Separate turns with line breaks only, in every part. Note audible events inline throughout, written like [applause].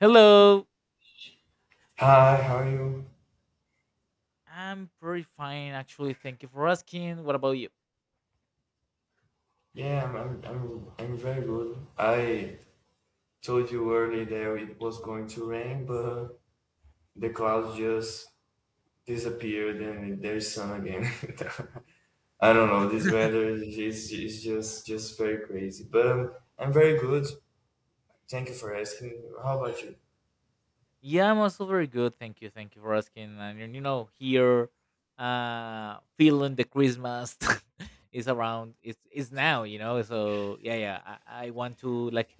Hello,
Hi, how are you?
I'm pretty fine actually. Thank you for asking. What about you?
Yeah, I'm very good. I told you early that it was going to rain, but the clouds just disappeared and there's sun again. [laughs] I don't know, this weather is just very crazy. But I'm very good. Thank you for asking. How about you?
Yeah, I'm also very good. Thank you. Thank you for asking. And you know, here, feeling the Christmas [laughs] is around. It's now. You know, so yeah, yeah. I want to like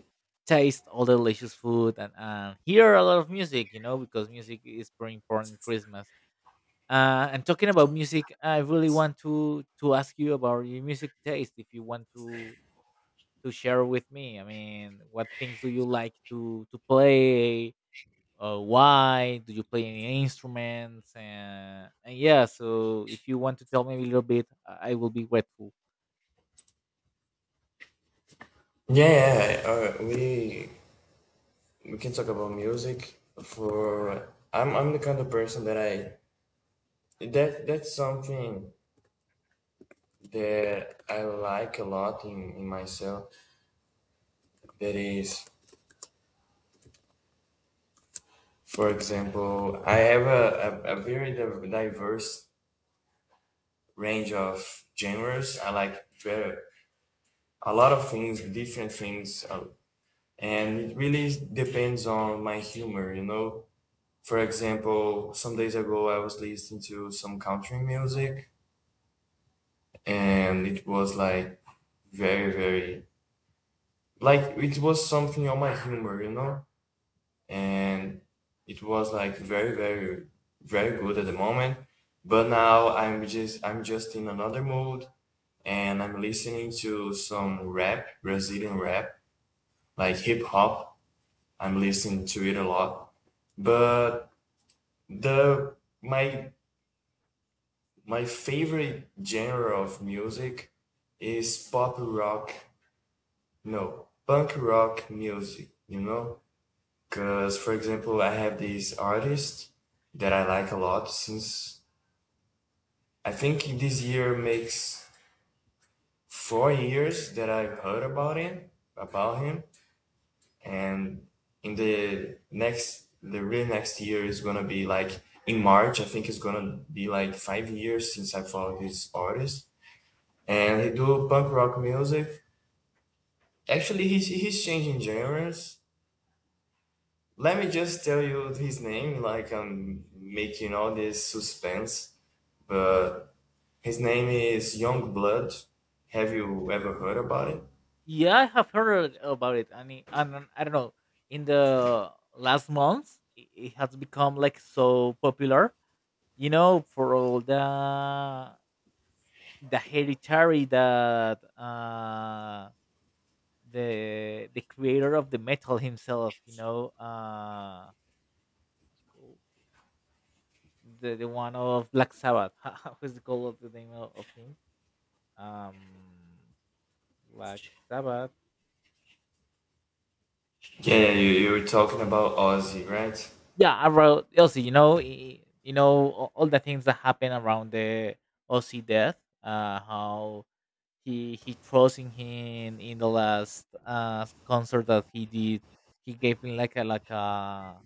taste all the delicious food and hear a lot of music. You know, because music is very important in Christmas. And talking about music, I really want to ask you about your music taste. If you want to share with me? I mean, what things do you like to play? Why do you play any instruments? And yeah, so if you want to tell me a little bit, I will be grateful.
Yeah, we can talk about music for I'm the kind of person that I that that's something that I like a lot in myself that is, for example, I have a very diverse range of genres. I like very, a lot of things, different things, and it really depends on my humor, you know. For example, some days ago I was listening to some country music and it was like very, very, like it was something on my humor, you know, and it was like very very very good at the moment, but now I'm just in another mood, and I'm listening to some rap, Brazilian rap, like hip hop. I'm listening to it a lot, but the my my favorite genre of music is pop rock, no, punk rock music, you know. Because, for example, I have this artist that I like a lot since, I think this year makes 4 years that I've heard about him, about him, and in the next, the really next year is gonna be like in March. I think it's gonna be like 5 years since I follow this artist, and he do punk rock music. Actually, he's changing genres. Let me just tell you his name, like I'm making all this suspense. But his name is Youngblood. Have you ever heard about it?
Yeah, I have heard about it, and it, and I don't know. In the last months, it has become like so popular. You know, for all the hereditary that the creator of the metal himself, you know, what's it called? The one of Black Sabbath. [laughs] What's the call of the name of him? Um, Black Sabbath.
Yeah, you were talking about Ozzy, right?
Yeah, around Elsie, you know, you know all the things that happen around the Ozzy death. How he throws in him in the last concert that he did. He gave him like a like a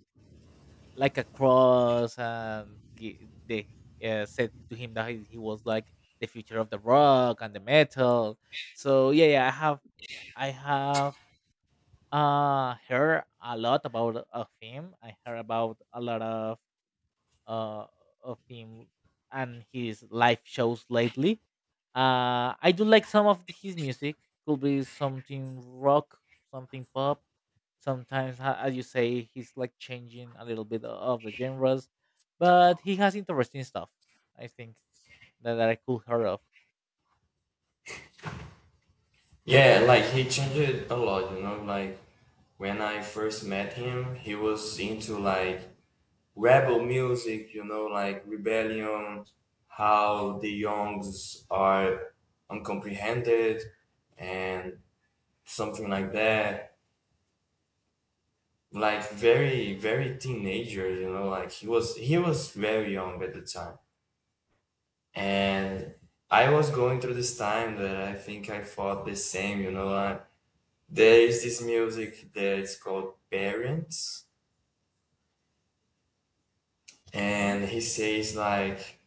like a cross and they said to him that he was like the future of the rock and the metal. So yeah, yeah, I have heard a lot about of him. I heard about a lot uh of him and his live shows lately. I do like some of his music. Could be something rock, something pop. Sometimes, as you say, he's like changing a little bit of the genres, but he has interesting stuff. I think that I could hear of.
Yeah, like he changed a lot, you know. Like when I first met him, he was into like rebel music, you know, like rebellion, how the youngs are uncomprehended, and something like that. Like very, very teenager, you know. Like he was very young at the time. And I was going through this time that I think I thought the same, you know. There is this music that is called Parents,
Hmm.
and he says like,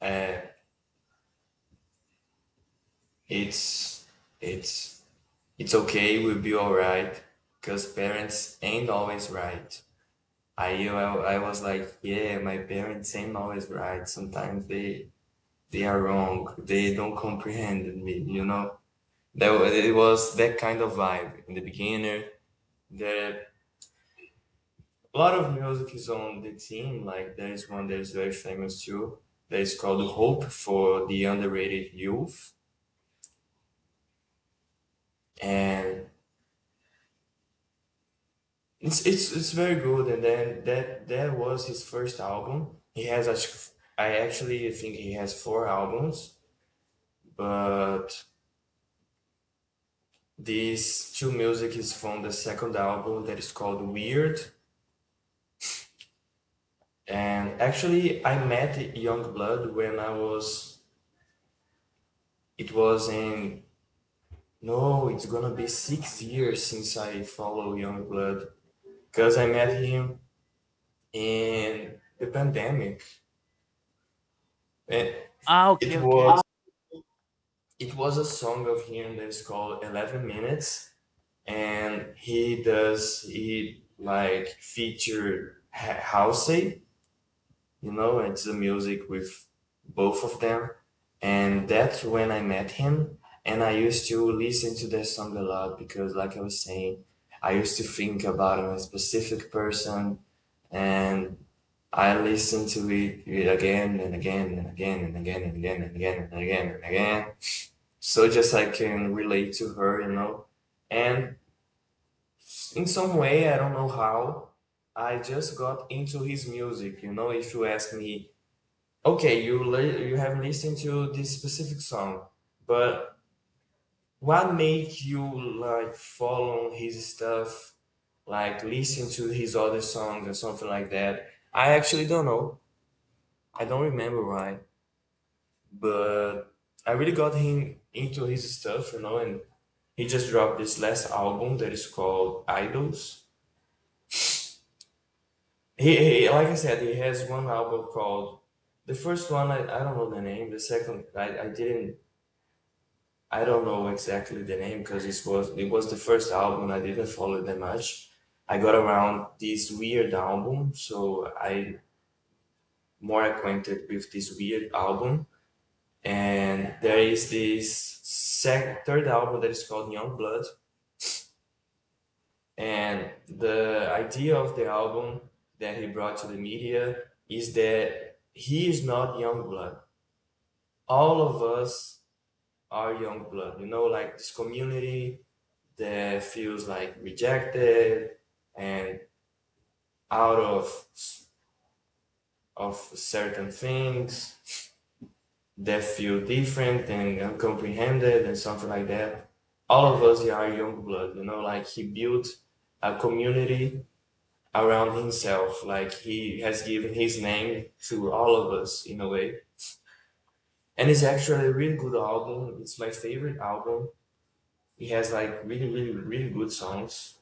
uh, "It's it's it's okay, we'll be all right, because parents ain't always right." I was like, "Yeah, my parents ain't always right. Sometimes they are wrong. They don't comprehend me, you know." It was that kind of vibe in the beginning. The A lot of music is on the team. Like there is one that is very famous too. That is called "Hope for the Underrated Youth," and it's it's very good. And then that was his first album. He has I actually think he has four albums, but these two music is from the second album that is called Weird. And actually, I met Youngblood when I was, it was in no, it's gonna be 6 years since I follow Youngblood, because I met him in the pandemic. And
Ah,
it
okay,
was,
okay.
it was a song of him that's called 11 Minutes, and he does he like featured Halsey, you know, it's the music with both of them. And that's when I met him. And I used to listen to their song a lot because, like I was saying, I used to think about a specific person, and I listened to it again and again and again and again and again and again and again and again. So just I can relate to her, you know. And in some way, I don't know how, I just got into his music. You know, if you ask me, okay, you have listened to this specific song, but what make you like follow his stuff, like listen to his other songs or something like that? I actually don't know. I don't remember why, but I really got him into his stuff, you know, and he just dropped this last album that is called Idols. He Like I said, he has one album called, the first one I don't know the name. The second I don't know exactly the name, because this was it was the first album. I didn't follow them much. I got around this weird album, so I more acquainted with this weird album. And there is this third album that is called Young Blood, and the idea of the album that he brought to the media is that he is not young blood. All of us our young blood. You know, like this community that feels like rejected and out of certain things, that feel different and uncomprehended and something like that. All of us, yeah, are young blood. You know, like he built a community around himself. Like he has given his name to all of us in a way. And it's actually a really good album. It's my favorite album. It has like really, really, really good songs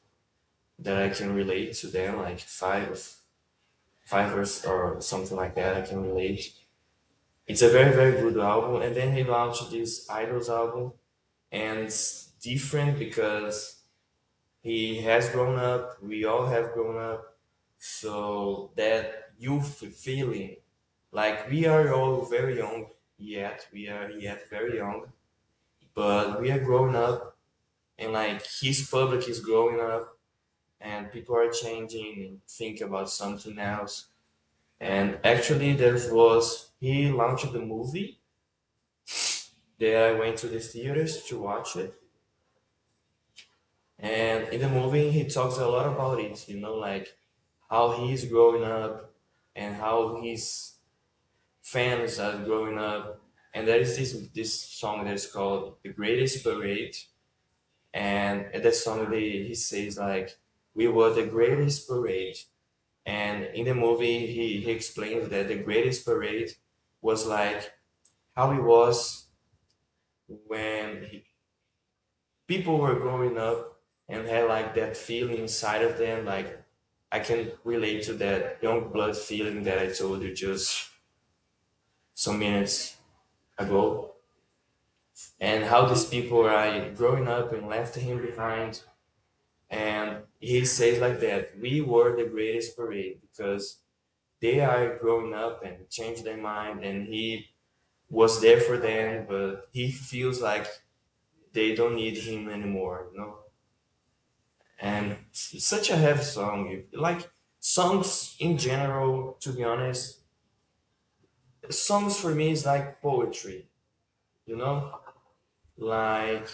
that I can relate to them, like five, five or something like that. I can relate. It's a very very good album. And then he launched this Idols album, and it's different because he has grown up. We all have grown up. So that youth feeling, like we are all very young yet. We are yet very young, but we are grown up, and like his public is growing up, and people are changing and think about something else. And actually, there was he launched the movie that I went to the theaters to watch it. And in the movie, he talks a lot about it, you know, like how he's growing up and how his fans are growing up. And there is this song that's called "The Greatest Parade," and at that song, he says like, "We were the greatest parade." And in the movie, he explains that the greatest parade was like how it was when people were growing up and had like that feeling inside of them, like I can relate to that young blood feeling that I told you just some minutes ago, and how these people are growing up and left him behind, and he says like that we were the greatest parade because they are growing up and changed their mind, and he was there for them, but he feels like they don't need him anymore, you know. And such a heavy song. Like songs in general, to be honest, songs for me is like poetry, you know? Like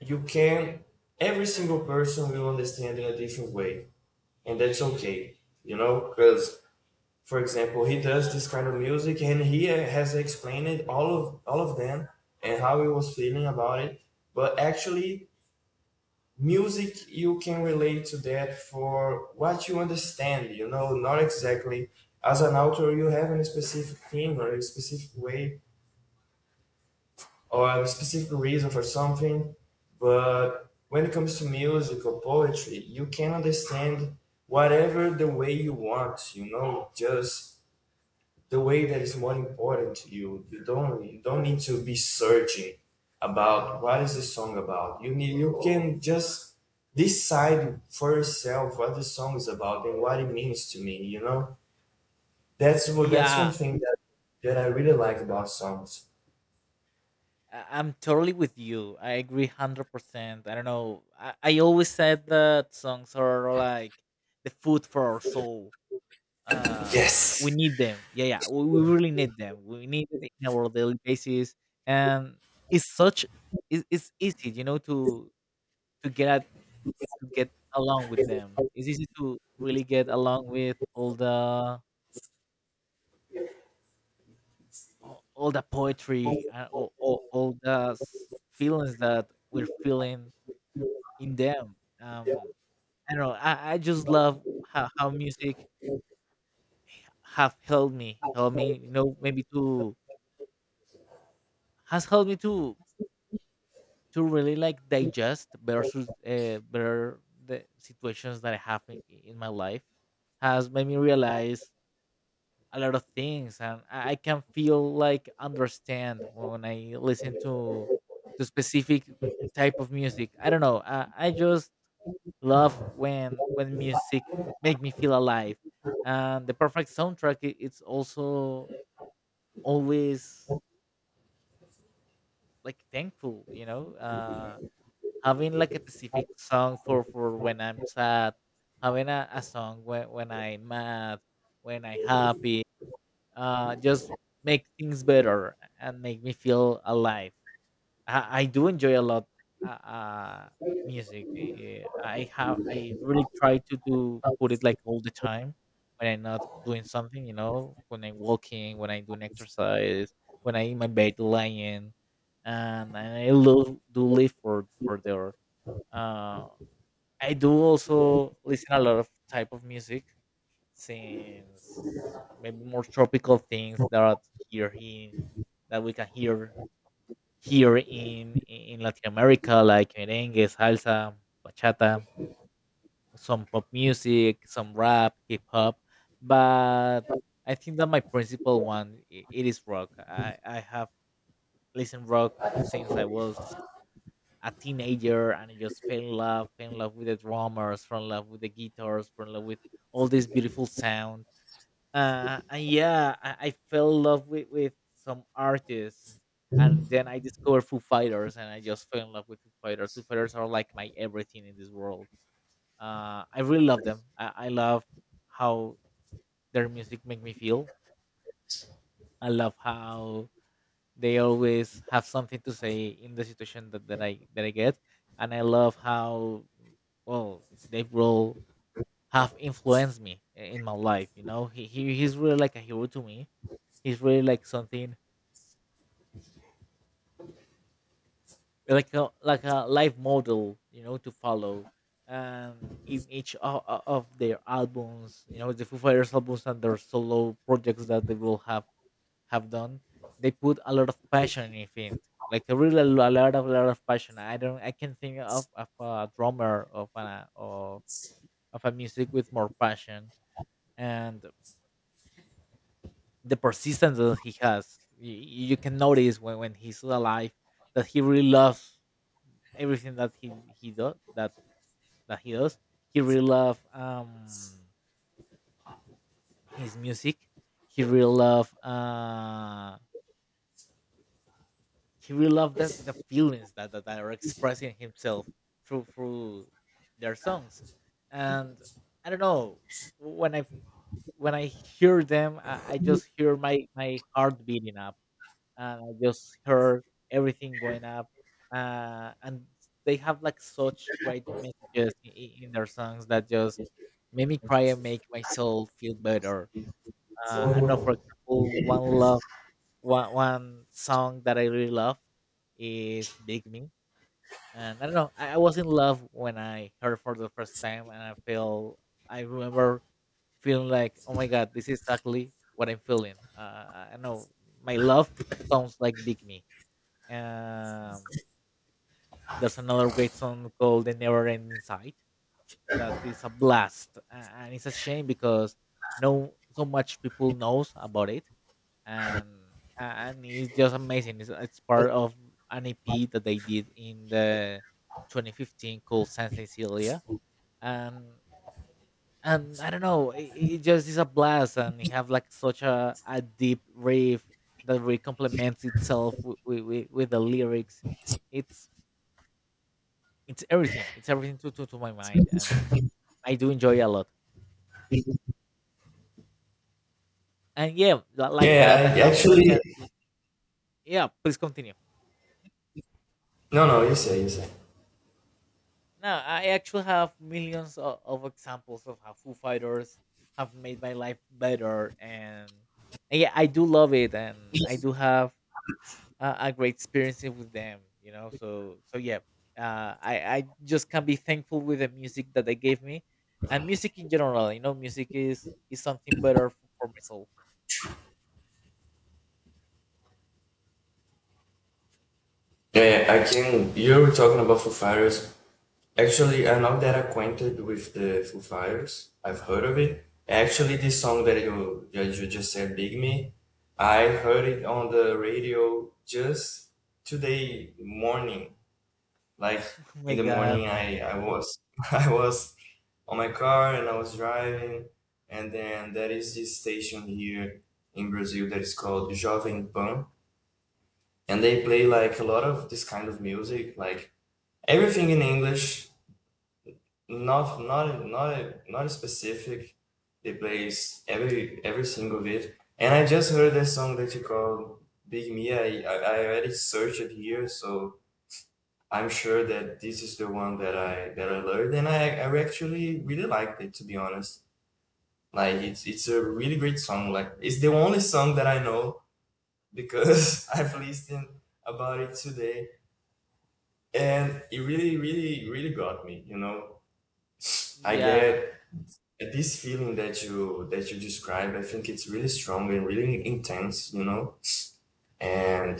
you can, every single person will understand in a different way, and that's okay, you know? Because, for example, he does this kind of music and he has explained all of them and how he was feeling about it, but actually music you can relate to that for what you understand, you know, not exactly as an author you have a specific thing or a specific way or a specific reason for something, but when it comes to music or poetry you can understand whatever the way you want, you know, just the way that is more important to you. You don't need to be searching about what is the song about. You can just decide for yourself what the song is about and what it means to me. You know, that's one
Yeah,
thing that that I really like about songs.
I'm totally with you. I agree 100%. I don't know. I always said that songs are like the food for our soul. Uh,
Yes.
we need them. Yeah, yeah, we really need them. We need it in our daily basis, and it's such it's easy, you know, to to get along with them. It's easy to really get along with all the all the poetry and all the feelings that we're feeling in them. Um, I don't know. I just love how music have helped me help me, you know, maybe to has helped me to really like digest versus better the situations that I have in my life, has made me realize a lot of things, and I can feel like understand when I listen to specific type of music. I don't know. I just love when music make me feel alive, and the perfect soundtrack it's also always like thankful, you know. Having like a specific song for when I'm sad, having a song when I'm mad, when I'm happy, just make things better and make me feel alive. I do enjoy a lot uh, uh, music. I have I really try to do put it like all the time when I'm not doing something, you know, when I'm walking, when I do an exercise, when I in my bed lying, and I love do live for there. Uh, I do also listen a lot of type of music, since maybe more tropical things that here in that we can hear here in Latin America, like merengue, salsa, bachata, some pop music, some rap, hip hop. But I think that my principal one it is rock. I have listened rock since I was a teenager, and I just fell in love with the drummers, fell in love with the guitars, fell in love with all this beautiful sound. And yeah, I fell in love with some artists. And then I discovered Foo Fighters, and I just fell in love with Foo Fighters. Foo Fighters are like my everything in this world. I really love them. I love how their music make me feel. I love how they always have something to say in the situation that, that I get, and I love how well Dave Grohl have influenced me in my life. You know, he's really like a hero to me. He's really like something like a life model, you know, to follow. Um, in each of their albums, you know, the Foo Fighters albums and their solo projects that they will have done, they put a lot of passion in it. Like a really a lot of passion. I don't I can think of a drummer of a of, of a music with more passion and the persistence that he has. You can notice when he's alive that he really loves everything that he does that he does. He really loves his music. He really loves he really loved that the feelings that, that are expressing himself through their songs. And I don't know, when i when I hear them, I just hear my heart beating up, and I just hear everything going up. And they have like such great messages in their songs that just make me cry and make my soul feel better. I don't know, for example, one love one one song that I really love is "Big Me," and I don't know. I was in love when I heard for the first time, and I feel I remember feeling like, "Oh my God, this is exactly what I'm feeling." I know my love sounds like "Big Me." Um, there's another great song called "The Never Ending Sight" that is a blast, and it's a shame because no so much people knows about it, and and it's just amazing. It's part of an EP that they did in the 2015 called Saint Cecilia, and and I don't know, it just is a blast, and you have like such a deep riff that really complements itself with the lyrics. It's it's everything. It's everything to my mind, and I do enjoy a lot. And yeah, like that, I
Yeah, I
have like
actually,
a yeah. Please continue.
no no, you say you say.
No, I actually have millions of examples of how Foo Fighters have made my life better, and yeah, I do love it, and I do have a great experience with them. You know, so so yeah, I just can be thankful with the music that they gave me, and music in general. You know, music is something better for my soul. [laughs]
Yeah, yeah, I can. You were talking about Foo Fighters. Actually, I'm not that acquainted with the Foo Fighters. I've heard of it. Actually, this song that you just said, "Big Me," I heard it on the radio just today morning. Like
Oh
in
my
the
God,
morning, I was [laughs] I was on my car and I was driving, and then there is this station here in Brazil that is called Jovem Pan, and they play like a lot of this kind of music, like everything in English. Not a specific. They plays every single bit. And I just heard that song that you call Big Me. I already searched it here, so I'm sure that this is the one that I learned, and I actually really liked it, to be honest. Like it's a really great song. Like it's the only song that I know, because [laughs] I've listened about it today, and it really really really got me. You know, I get,
yeah,
yeah, this feeling that you describe, I think it's really strong and really intense, you know. And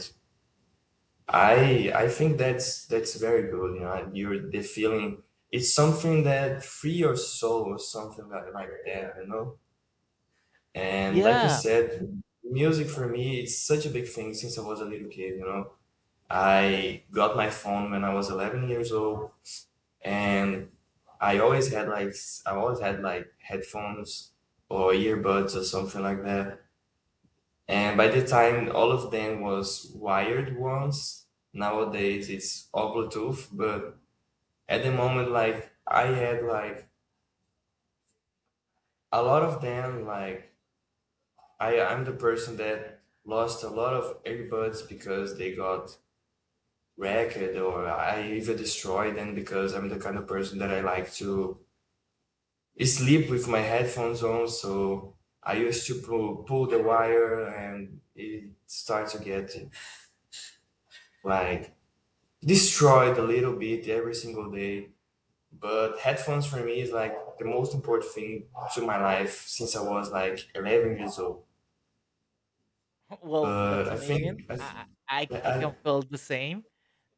I think that's very good, you know. You're the feeling, it's something that free your soul or something like that, you know. And like you
yeah.
said, music for me it's such a big thing since I was a little kid, you know. I got my phone when I was 11 years old, and I always had like, I always had like headphones or earbuds or something like that. And by the time all of them was wired ones, nowadays it's all Bluetooth. But at the moment, like I had like a lot of them, like I'm the person that lost a lot of earbuds because they got wrecked, or I even destroyed them because I'm the kind of person that I like to sleep with my headphones on. So I used to pull, pull the wire and it starts to get like destroyed a little bit every single day. But headphones for me is like the most important thing to my life since I was like 11 years old.
[laughs] Well,
But
that's
I think
amazing.
I,
I
th-
I I I can
I,
feel the same,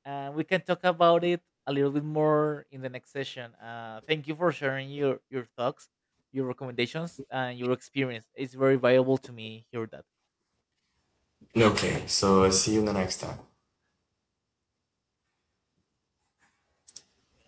and we can talk about it a little bit more in the next session. Thank you for sharing your thoughts, your recommendations, and your experience. It's very valuable to me hear that.
I okay. So I see you the next time.